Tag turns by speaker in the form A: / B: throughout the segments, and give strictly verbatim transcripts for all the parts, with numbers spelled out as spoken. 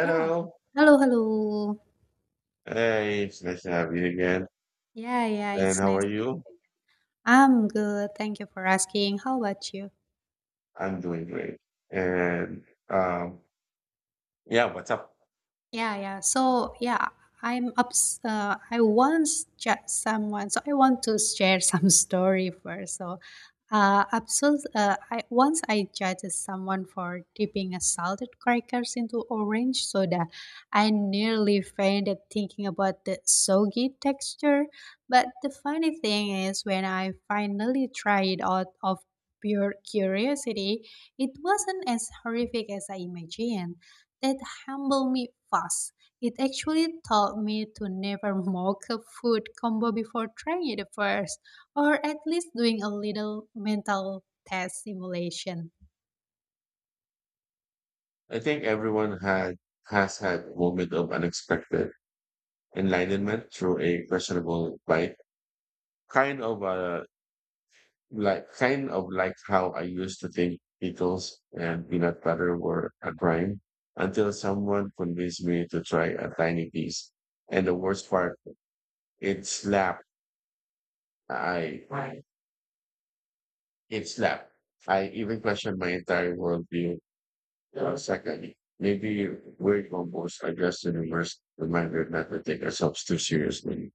A: Yeah. Hello, hello.
B: Hey, it's nice to have you again.
A: Yeah, yeah,
B: And
A: it's
B: how are
A: nice to-
B: you?
A: have you. I'm good. Thank you for asking. How about you?
B: I'm doing great. And um, yeah, what's up?
A: Yeah, yeah. So, yeah, I'm ups. Uh, I once chat someone, so I want to share some story first. So, uh, absol- uh, I once I judged someone for dipping a salted crackers into orange soda. I nearly fainted thinking about the soggy texture. But the funny thing is, when I finally tried it out of pure curiosity, it wasn't as horrific as I imagined that humbled me fast. It actually taught me to never mock a food combo before trying it first, or at least doing a little mental test simulation.
B: I think everyone had has had a moment of unexpected enlightenment through a questionable bike, kind of uh, like kind of like how I used to think pickles and peanut butter were a crime until someone convinced me to try a tiny piece. And the worst part, it slapped. I It's lap. I even questioned my entire worldview. Uh, second, maybe we're composed are just an immersed reminder not to take ourselves too seriously.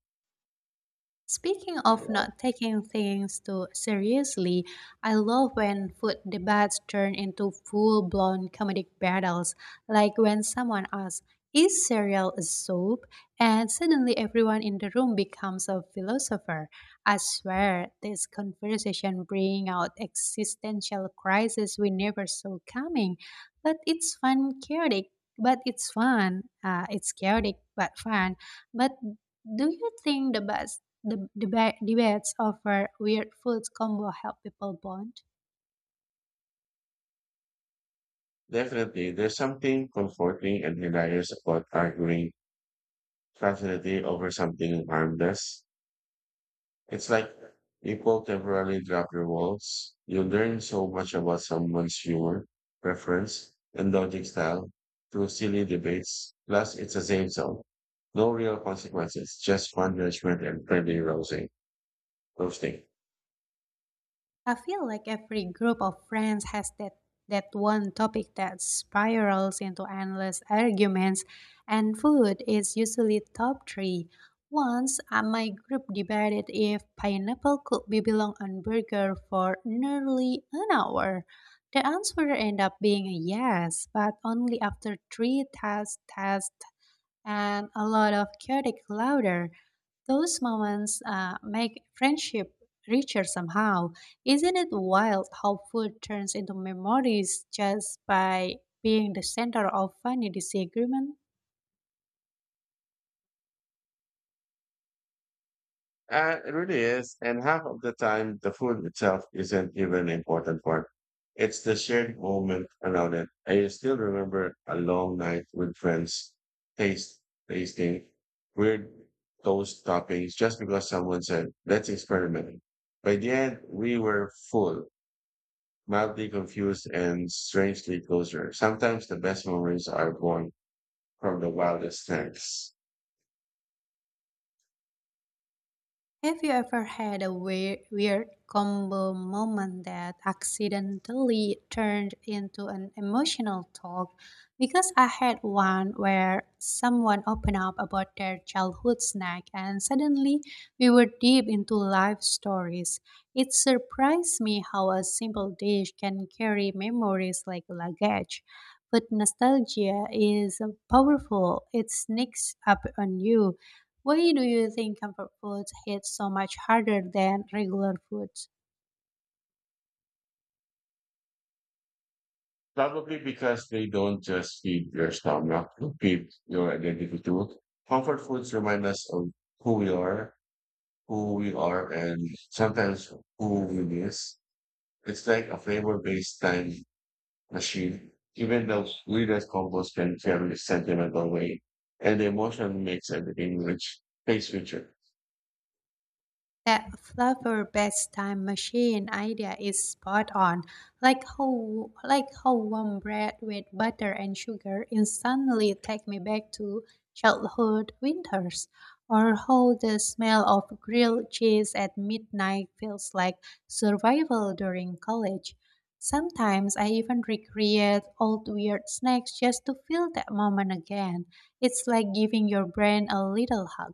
A: Speaking of not taking things too seriously, I love when food debates turn into full blown comedic battles, like when someone asks, is cereal a soup? And suddenly everyone in the room becomes a philosopher. I swear, this conversation brings out existential crises we never saw coming, but it's fun, chaotic. But it's fun. Uh, it's chaotic, but fun. But do you think the best the deba- debates over weird foods combo help people bond?
B: Definitely, there's something comforting and hilarious about arguing passionately over something harmless. It's like people temporarily drop your walls. You learn so much about someone's humor, preference, and logic style through silly debates. Plus, it's a safe zone. No real consequences, just fun judgment and friendly rousing, roasting.
A: I feel like every group of friends has that that one topic that spirals into endless arguments, and food is usually top three. Once uh, my group debated if pineapple could be belong on burger for nearly an hour. The answer ended up being a yes, but only after three test test. And a lot of chaotic laughter. Those moments uh, make friendship richer somehow. Isn't it wild how food turns into memories just by being the center of funny disagreement?
B: Uh, it really is. And half of the time, the food itself isn't even important part. It's the shared moment around it. I still remember a long night with friends taste tasting weird toast toppings just because someone said, let's experiment. By the end, we were full, mildly confused, and strangely closer. Sometimes the best memories are born from the wildest snacks.
A: Have you ever had a weird, weird combo moment that accidentally turned into an emotional talk? Because I had one where someone opened up about their childhood snack and suddenly we were deep into life stories. It surprised me how a simple dish can carry memories like luggage. But nostalgia is powerful. It sneaks up on you. Why do you think comfort foods hit so much harder than regular foods?
B: Probably because they don't just feed your stomach, they feed your identity too. Comfort foods remind us of who we are, who we are, and sometimes who we miss. It's like a flavor-based time machine. Even the weirdest combos can carry a sentimental weight, and the emotion makes everything rich, taste richer.
A: That flower best time machine idea is spot on. Like how like how warm bread with butter and sugar instantly take me back to childhood winters, or how the smell of grilled cheese at midnight feels like survival during college. Sometimes I even recreate old weird snacks just to feel that moment again. It's like giving your brain a little hug.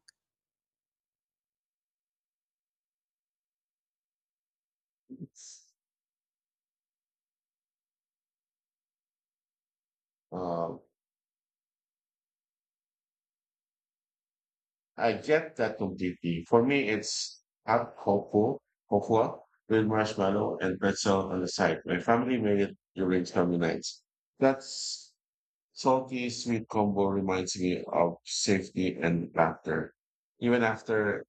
B: Uh, I get that completely. For me, it's hot cocoa, cocoa with marshmallow and pretzel on the side. My family made it during family nights. That salty sweet combo reminds me of safety and laughter. Even after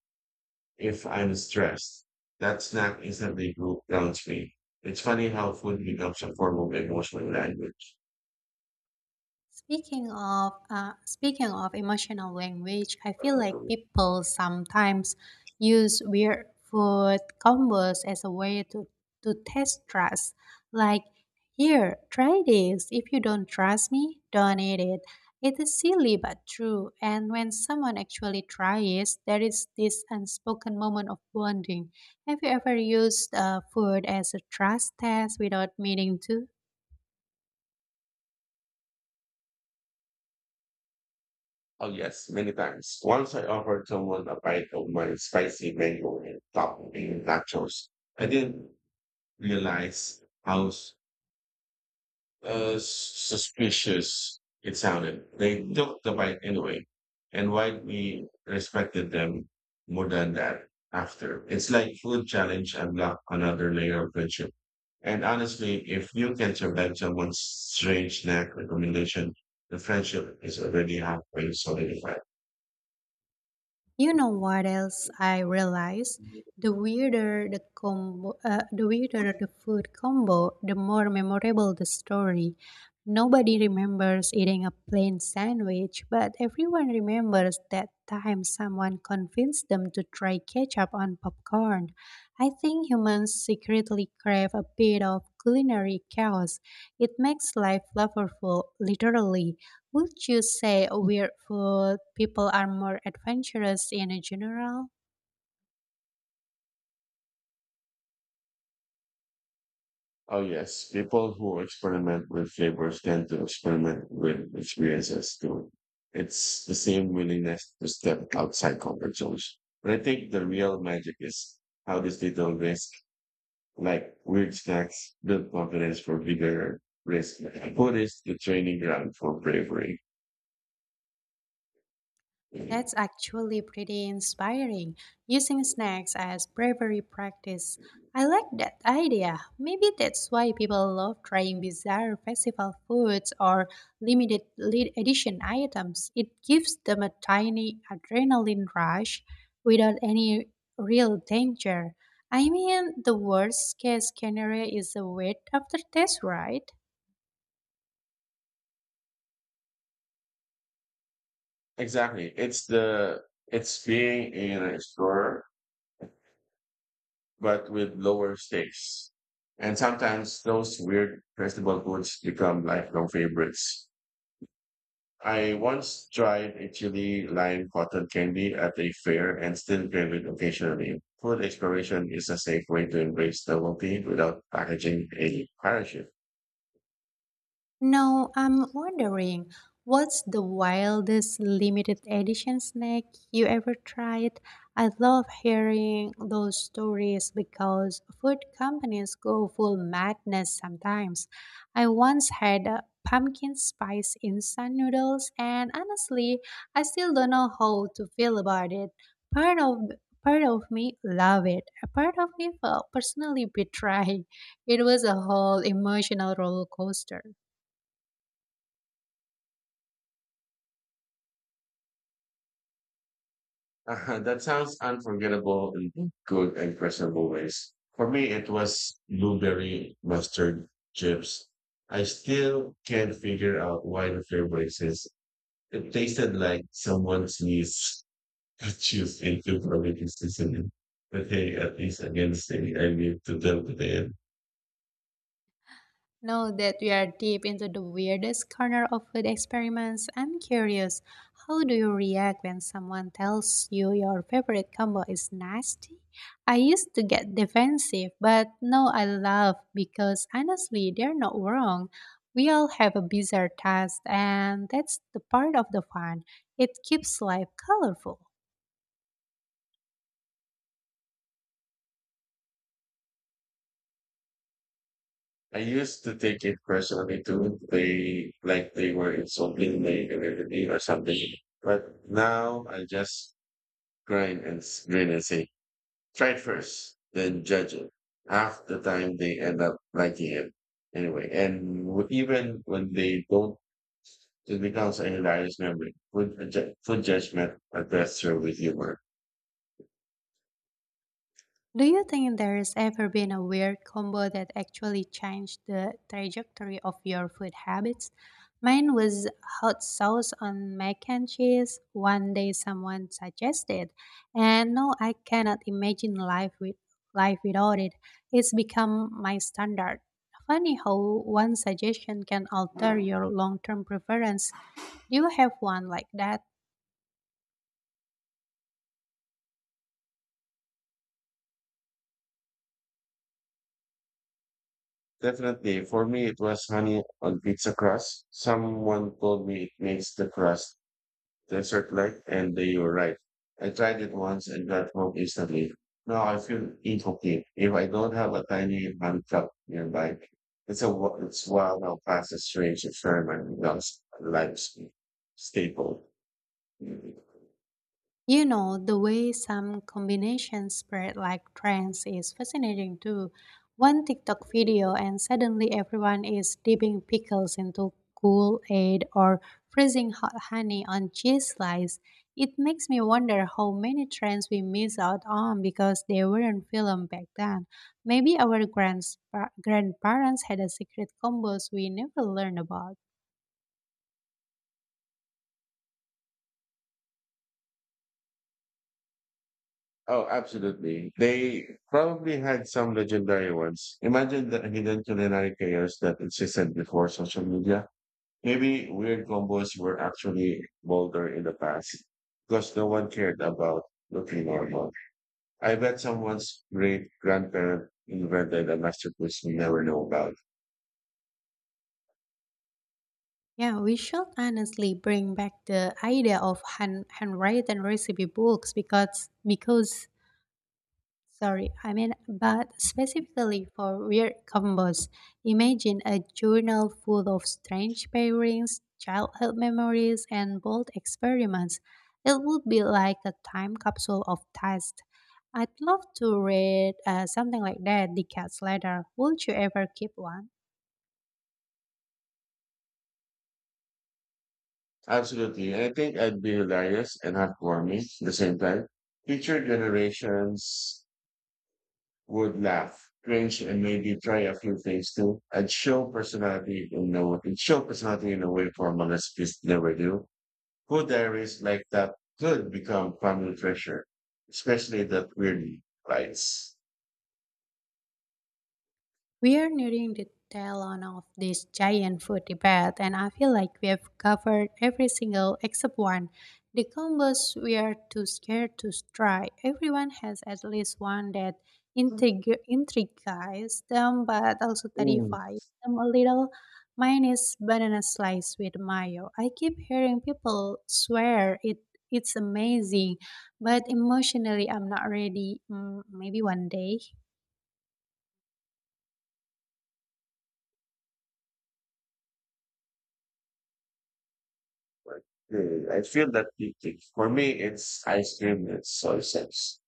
B: if I'm stressed, that snack instantly calms me. It's funny how food becomes a form of emotional language.
A: Speaking of uh, speaking of emotional language, I feel like people sometimes use weird food combos as a way to, to test trust. Like, here, try this. If you don't trust me, don't eat it. It is silly but true. And when someone actually tries, there is this unspoken moment of bonding. Have you ever used uh, food as a trust test without meaning to?
B: Oh yes, many times. Once I offered someone a bite of my spicy mango and topping nachos. I didn't realize how s- uh, suspicious it sounded. They took the bite anyway, and why we respected them more than that after. It's like food challenge unlock another layer of friendship. And honestly, if you can survive someone's strange snack recommendation, the friendship is already halfway solidified.
A: You know what else I realized? The weirder the combo, uh, the weirder the food combo, the more memorable the story. Nobody remembers eating a plain sandwich, but everyone remembers that time someone convinced them to try ketchup on popcorn. I think humans secretly crave a bit of culinary chaos. It makes life flavorful, literally. Would you say weird food people are more adventurous in general?
B: Oh, yes. People who experiment with flavors tend to experiment with experiences too. It's the same willingness to step outside comfort zones. But I think the real magic is how these little risks, like weird snacks, build confidence for bigger risk. Food is the training ground for bravery.
A: That's actually pretty inspiring, using snacks as bravery practice. I like that idea. Maybe that's why people love trying bizarre festival foods or limited li- edition items. It gives them a tiny adrenaline rush without any real danger. I mean, the worst case scenario is a wet after test, right?
B: Exactly. It's the, it's being an explorer but with lower stakes. And sometimes those weird festival foods become lifelong favorites. I once tried a chili lime cotton candy at a fair and still crave it occasionally. Food exploration is a safe way to embrace novelty without packaging a parachute.
A: No, I'm wondering, what's the wildest limited edition snack you ever tried? I love hearing those stories because food companies go full madness sometimes. I once had uh, pumpkin spice instant noodles, and honestly, I still don't know how to feel about it. Part of part of me love it. A part of me felt personally betrayed. It was a whole emotional roller coaster.
B: Uh, that sounds unforgettable in good and questionable ways. For me, it was blueberry mustard chips. I still can't figure out why the flavor exists. It tasted like someone sneezed juice into fermented seasoning. But hey, at least against it, I need to tell the tale.
A: Now that we are deep into the weirdest corner of food experiments, I'm curious, how do you react when someone tells you your favorite combo is nasty? I used to get defensive, but now I laugh because honestly, they're not wrong. We all have a bizarre taste, and that's the part of the fun. It keeps life colorful.
B: I used to take it personally too. They like they were insulting my identity or something. But now I just grind and s- grin and say, try it first, then judge it. Half the time they end up liking it anyway. And w- even when they don't, it becomes a hilarious memory. Food, adju- food judgment addressed through with humor.
A: Do you think there's ever been a weird combo that actually changed the trajectory of your food habits? Mine was hot sauce on mac and cheese. One day someone suggested, and no, I cannot imagine life with life without it. It's become my standard. Funny how one suggestion can alter your long-term preference. Do you have one like that?
B: Definitely, for me, it was honey on pizza crust. Someone told me it makes the crust desert-like, and they were right. I tried it once and got home instantly. Now I feel incomplete if I don't have a tiny hand cup nearby. It's a wa- it's wild how fast a strange experiment becomes a life staple.
A: You know, the way some combinations spread like trends is fascinating too. One TikTok video, and suddenly everyone is dipping pickles into Kool Aid or freezing hot honey on cheese slice. It makes me wonder how many trends we miss out on because they weren't filmed back then. Maybe our grands- grandparents had a secret combos we never learned about.
B: Oh, absolutely. They probably had some legendary ones. Imagine the hidden culinary chaos that existed before social media. Maybe weird combos were actually bolder in the past because no one cared about looking normal. I bet someone's great grandparent invented a masterpiece we never know about.
A: Yeah, we should honestly bring back the idea of hand, handwritten recipe books because because sorry, I mean, but specifically for weird combos. Imagine a journal full of strange pairings, childhood memories, and bold experiments. It would be like a time capsule of taste. I'd love to read uh, something like that decades later. Would you ever keep one?
B: Absolutely. I think I'd be hilarious and heartwarming at the same time. Future generations would laugh, cringe, and maybe try a few things too. I'd show personality in a it show personality in a way formal recipes never do. Food diaries like that could become family treasure, especially that weird bites.
A: We are nearing the tail end of this giant food debate, and I feel like we have covered every single except one. The combos we are too scared to try. Everyone has at least one that intrigu- intrigues them, but also
B: Mm.
A: terrifies them a little. Mine is banana slice with mayo. I keep hearing people swear it. It's amazing, but emotionally, I'm not ready. Mm, maybe one day.
B: Like, uh, I feel that deeply. For me, it's ice cream with soy sauce.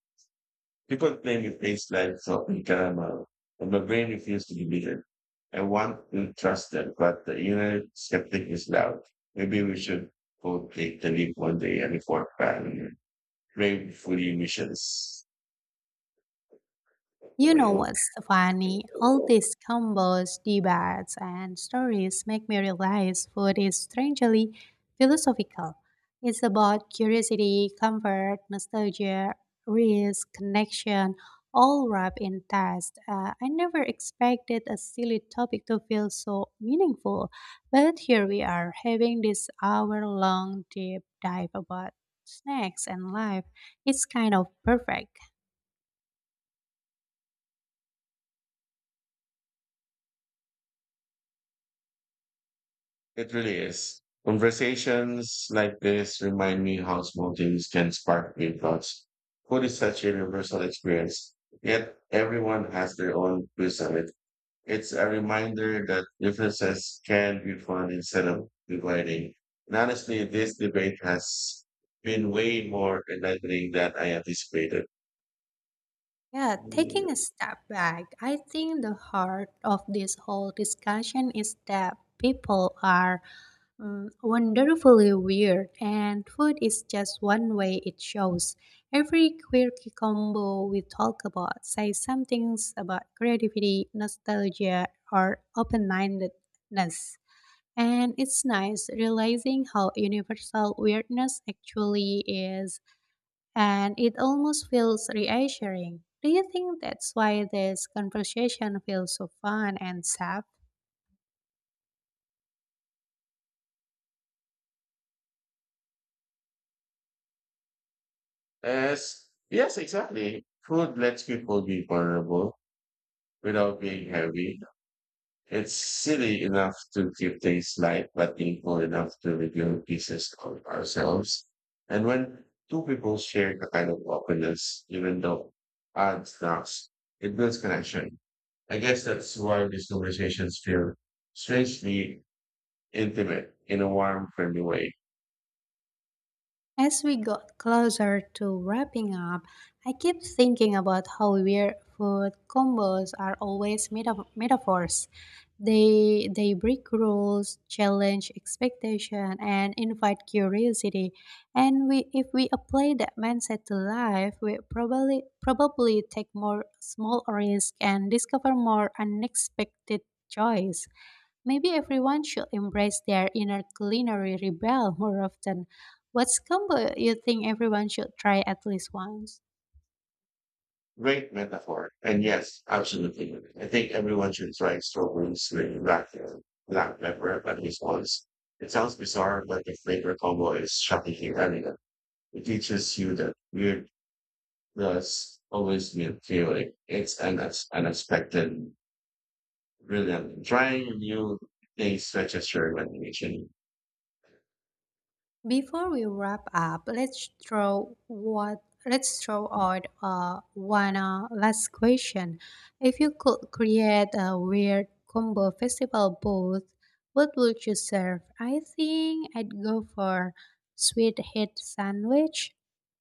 B: People claim it tastes like salted caramel, and my brain refuses to believe it. I want to trust them, but the inner skeptic is loud. Maybe we should go take the leap one day and report back on gratefully missions.
A: You know
B: It
A: what's funny? All these combos, debates, and stories make me realize food is strangely philosophical. It's about curiosity, comfort, nostalgia, risk, connection, all wrapped in taste. Uh, I never expected a silly topic to feel so meaningful, but here we are having this hour long deep dive about snacks and life. It's kind of perfect.
B: really is. Conversations like this remind me how small things can spark big thoughts. Food is such a universal experience, yet everyone has their own twist on it. It's a reminder that differences can be fun instead of dividing. And honestly, this debate has been way more enlightening than I anticipated.
A: Yeah, taking a step back, I think the heart of this whole discussion is that people are mm, wonderfully weird, and food is just one way it shows. Every quirky combo we talk about says some things about creativity, nostalgia, or open mindedness. And it's nice realizing how universal weirdness actually is, and it almost feels reassuring. Do you think that's why this conversation feels so fun and safe?
B: As yes, exactly. Food lets people be vulnerable without being heavy. It's silly enough to keep things light, but painful enough to reveal pieces of ourselves. And when two people share the kind of openness, even though odds knocks, it builds connection. I guess that's why these conversations feel strangely intimate in a warm, friendly way.
A: As we got closer to wrapping up, I keep thinking about how weird food combos are always meta- metaphors. They they break rules, challenge expectation, and invite curiosity. And we if we apply that mindset to life, we probably probably take more small risk and discover more unexpected joys. Maybe everyone should embrace their inner culinary rebel more often. What's combo you think everyone should try at least once?
B: Great metaphor. And yes, absolutely. I think everyone should try strawberries with black, black pepper at least once. It sounds bizarre, but the flavor combo is shockingly elegant. It teaches you that weird does always means feeling. It's an unex- unexpected, brilliant. Trying new things stretches your imagination.
A: Before we wrap up, let's throw what let's throw out uh, one uh, last question. If you could create a weird combo festival booth, what would you serve? I think I'd go for sweet heat sandwich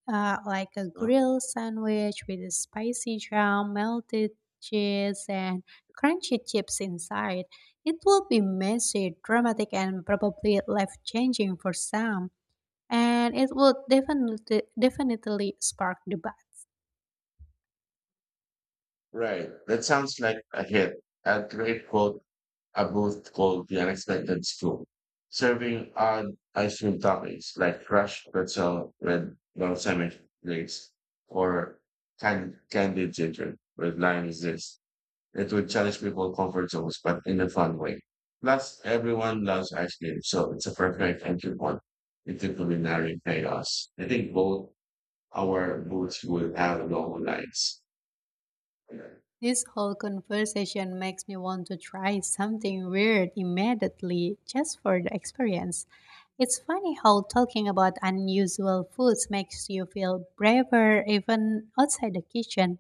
A: uh, like a grilled sandwich with a spicy jam, melted cheese, and crunchy chips inside. It will be messy, dramatic, and probably life-changing for some, and it would definitely definitely spark debate.
B: Right. That sounds like a hit. A great quote are both called the unexpected scoop, serving odd ice cream toppings like crushed pretzel with balsamic glaze or can- candied ginger with lime is this. It would challenge people's comfort zones, but in a fun way. Plus, everyone loves ice cream, so it's a perfect entry point into culinary chaos. I think both our booths would have long lines. Yeah,
A: This whole conversation makes me want to try something weird immediately just for the experience. It's funny how talking about unusual foods makes you feel braver even outside the kitchen.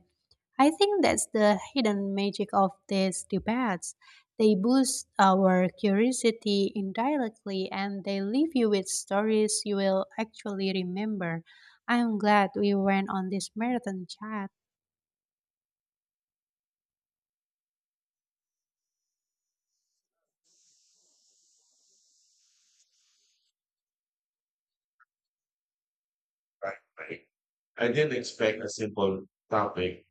A: I think that's the hidden magic of these debates. They boost our curiosity indirectly and they leave you with stories you will actually remember. I'm glad we went on this marathon chat.
B: right, right. I didn't expect a simple topic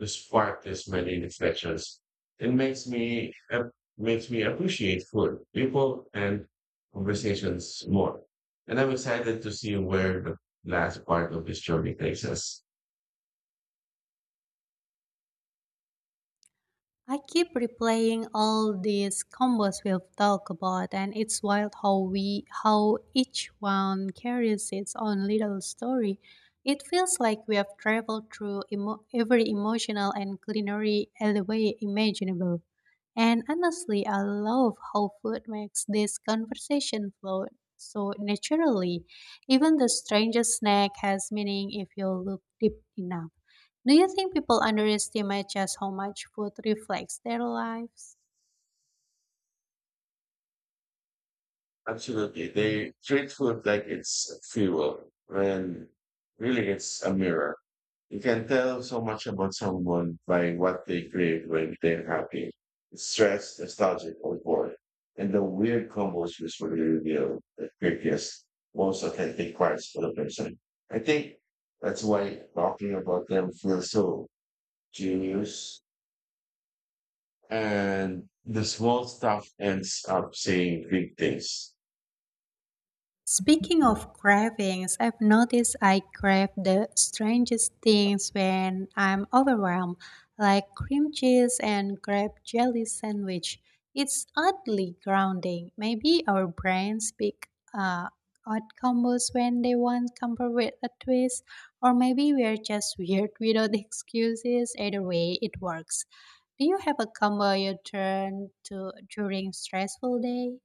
B: to spark this many reflections. It makes me ap- makes me appreciate food, people, and conversations more. And I'm excited to see where the last part of this journey takes us.
A: I keep replaying all these combos we've talked about, and it's wild how we how each one carries its own little story. It feels like we have traveled through emo- every emotional and culinary alleyway imaginable. And honestly, I love how food makes this conversation flow so naturally. Even the strangest snack has meaning if you look deep enough. Do you think people underestimate just how much food reflects their lives?
B: Absolutely. They treat food like it's fuel when really it's a mirror. You can tell so much about someone by what they crave when they're happy, stressed, nostalgic, or bored. And the weird combos usually reveal the quickest, most authentic parts of the person. I think that's why talking about them feels so genius. And the small stuff ends up saying big things.
A: Speaking of cravings, I've noticed I crave the strangest things when I'm overwhelmed, like cream cheese and grape jelly sandwich. It's oddly grounding. Maybe our brains pick uh, odd combos when they want comfort with a twist, or maybe we're just weird without excuses. Either way, it works. Do you have a combo you turn to during stressful day?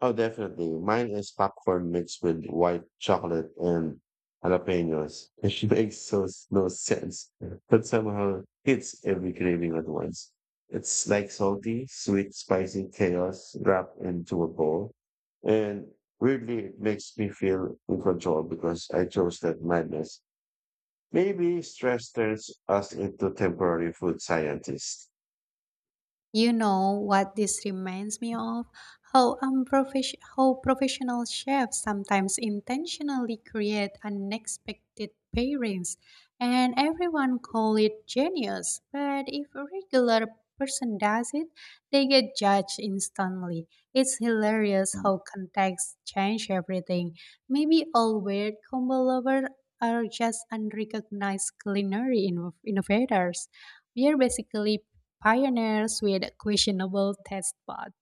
B: Oh, definitely. Mine is popcorn mixed with white chocolate and jalapenos. It makes so no sense, but somehow hits every craving at once. It's like salty, sweet, spicy chaos wrapped into a bowl. And weirdly, it makes me feel in control because I chose that madness. Maybe stress turns us into temporary food scientists.
A: You know what this reminds me of? How unprofes- how professional chefs sometimes intentionally create unexpected pairings, and everyone call it genius. But if a regular person does it, they get judged instantly. It's hilarious
B: Mm.
A: how context change everything. Maybe all weird combo lovers are just unrecognized culinary inno- innovators, we are basically pioneers with questionable taste buds.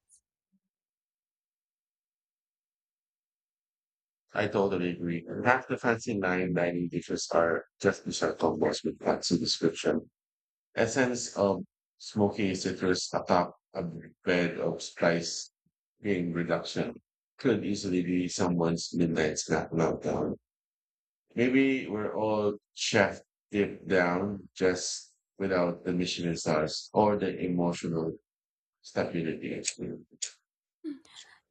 B: I totally agree. And half the fancy line dining dishes are just dessert combos with fancy description. Essence of smoky citrus atop a bed of spice being reduction could easily be someone's midnight snack now. Maybe we're all chef deep down, just without the Michelin stars or the emotional stability. Actually.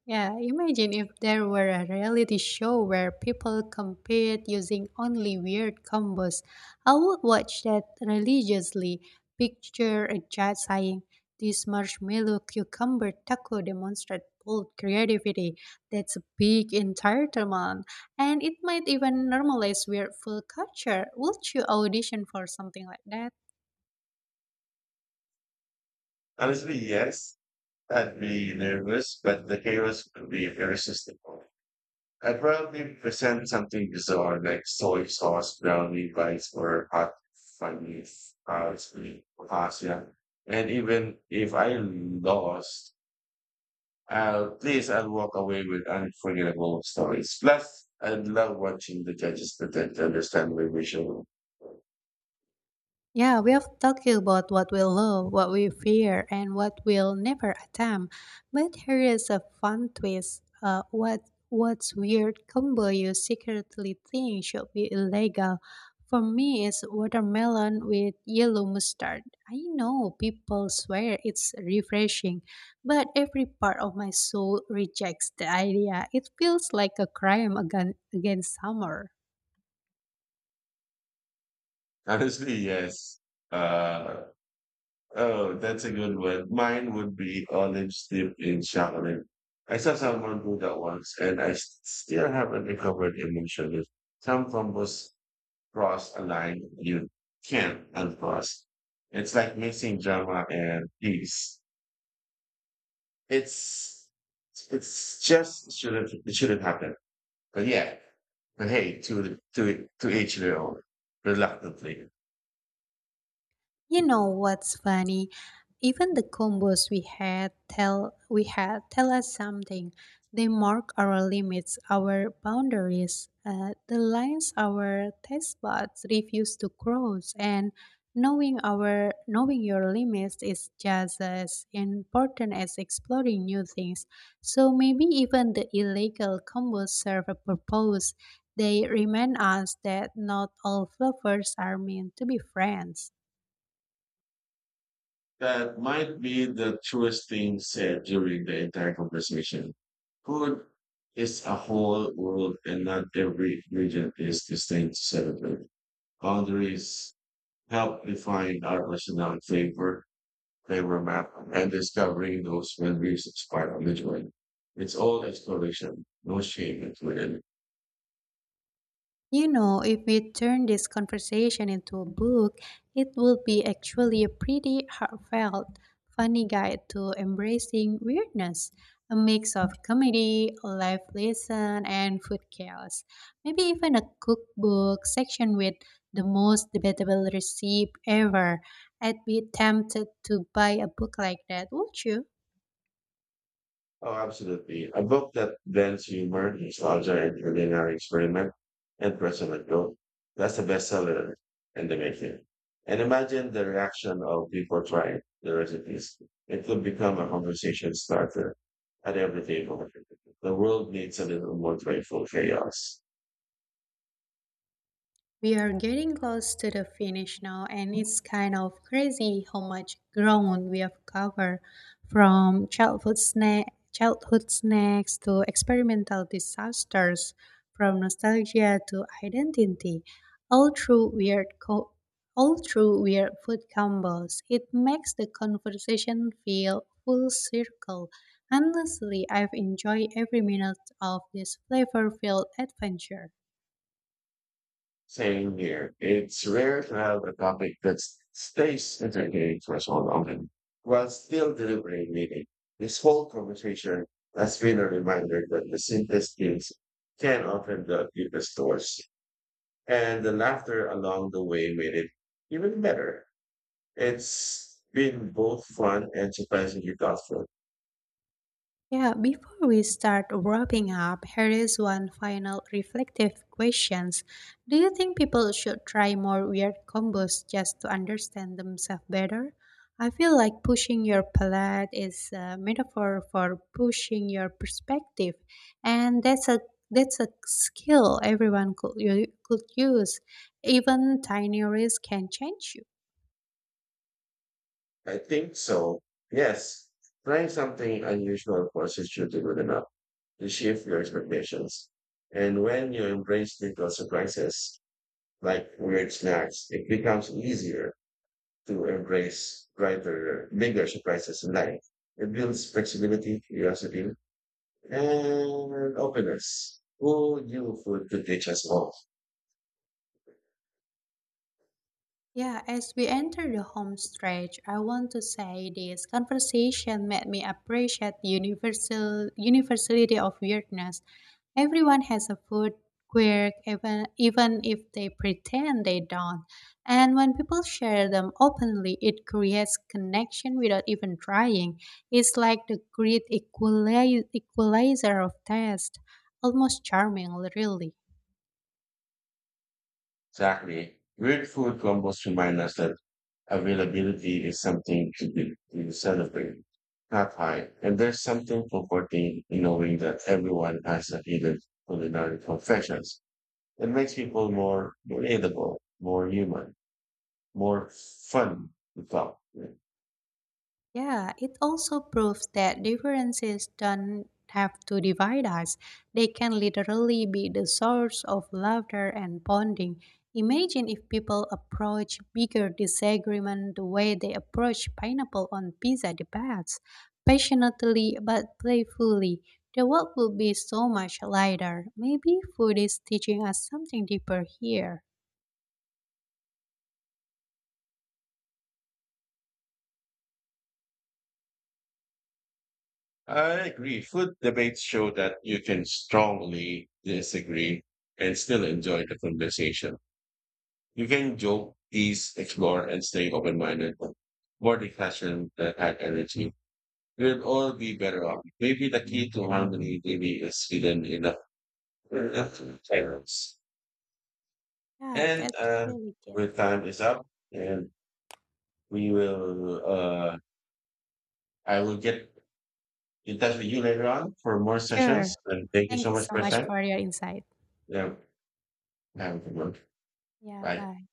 A: Yeah, imagine if there were a reality show where people compete using only weird combos. I would watch that religiously. Picture a judge saying, this marshmallow cucumber taco demonstrates bold creativity. That's a big entitlement. And it might even normalize weird food culture. Would you audition for something like that?
B: Honestly, yes, I'd be nervous, but the chaos would be irresistible. I'd probably present something bizarre like soy sauce brownie bites or hot funny uh, it's really pasta. And even if I lost, Uh, please, I'll walk away with unforgettable stories. Plus, I love watching the judges pretend to understand my visual.
A: Yeah, we have talked about what we love, what we fear, and what we'll never attempt. But here is a fun twist. Uh, what what's weird combo you secretly think should be illegal? For me, it's watermelon with yellow mustard. I know people swear it's refreshing, but every part of my soul rejects the idea. It feels like a crime against, against summer.
B: Honestly, yes. Uh, oh, that's a good one. Mine would be olive steep in chocolate. I saw someone do that once, and I s- still haven't recovered emotionally. Some combos cross a line you can't uncross. It's like mixing drama and peace. It's it's just shouldn't it shouldn't happen. But yeah, but hey, to to to each their own. Reluctantly,
A: You know what's funny? Even the combos we had tell we had tell us something. They mark our limits, our boundaries, uh, the lines our taste buds refuse to cross, and knowing our knowing your limits is just as important as exploring new things. So maybe even the illegal combos serve a purpose. They remind us that not all fluffers are meant to be friends.
B: that might be the truest thing said during the entire conversation. Food is a whole world, and not every region is distinct to celebrate. Boundaries help define our personal flavor, flavor map, and discovering those memories is part of the joy. It's all exploration, no shame included.
A: You know, if we turn this conversation into a book, it would be actually a pretty heartfelt, funny guide to embracing weirdness, a mix of comedy, life lesson, and food chaos. Maybe even a cookbook section with the most debatable recipe ever. I'd be tempted to buy a book like that, would you?
B: Oh, absolutely. A book that blends humor, nostalgia, and culinary experiment and personal growth. That's a bestseller in the making. And imagine the reaction of people trying the recipes. It could become a conversation starter at every table. The world needs a little more playful chaos.
A: We are getting close to the finish now, and it's kind of crazy how much ground we have covered from childhood, snack, childhood snacks to experimental disasters, from nostalgia to identity, all through weird co- all through weird food combos. It makes the conversation feel full circle. Honestly, I've enjoyed every minute of this flavor-filled adventure.
B: Same here. It's rare to have a topic that s- stays entertaining for so long while still delivering meaning. This whole conversation has been a reminder that the simplest things can often the deepest doors, and the laughter along the way made it even better. It's been both fun and surprisingly thoughtful.
A: Yeah, before we start wrapping up, here is one final reflective questions. Do you think people should try more weird combos just to understand themselves better? I feel like pushing your palate is a metaphor for pushing your perspective, and that's a that's a skill everyone could u- could use. Even tiny risks can change you.
B: I think so. Yes. Trying something unusual forces you to good enough to shift your expectations. And when you embrace little surprises, like weird snacks, it becomes easier to embrace brighter, bigger surprises in life. It builds flexibility, curiosity, and openness. Who knew food could teach us all?
A: Yeah, as we enter the home stretch, I want to say this conversation made me appreciate the universal universality of weirdness. Everyone has a food quirk, even even if they pretend they don't. And when people share them openly, it creates connection without even trying. It's like the great equali- equalizer of taste, almost charming, really.
B: Exactly. Weird food combos remind us that availability is something to be to celebrate, not high. And there's something comforting in knowing that everyone has a hidden culinary confessions. It makes people more relatable, more human, more fun to talk with.
A: Yeah, it also proves that differences don't have to divide us. They can literally be the source of laughter and bonding. Imagine if people approach bigger disagreement the way they approach pineapple on pizza debates, passionately but playfully. The world will be so much lighter. Maybe food is teaching us something deeper here.
B: I agree. Food debates show that you can strongly disagree and still enjoy the conversation. You can joke, tease, explore, and stay open-minded. More discussion that had energy. We'd all be better off. Maybe the key to harmony maybe is hidden in the silence.
A: Yeah,
B: And
A: that's
B: uh,
A: really good.
B: with time is up, and we will. Uh, I will get in touch with you later on for more
A: Sure.
B: sessions. And thank you
A: Thank
B: so
A: you
B: much
A: so
B: for your
A: much
B: time.
A: for your insight.
B: Yeah, have a good one.
A: Yeah,
B: Bye.
A: bye.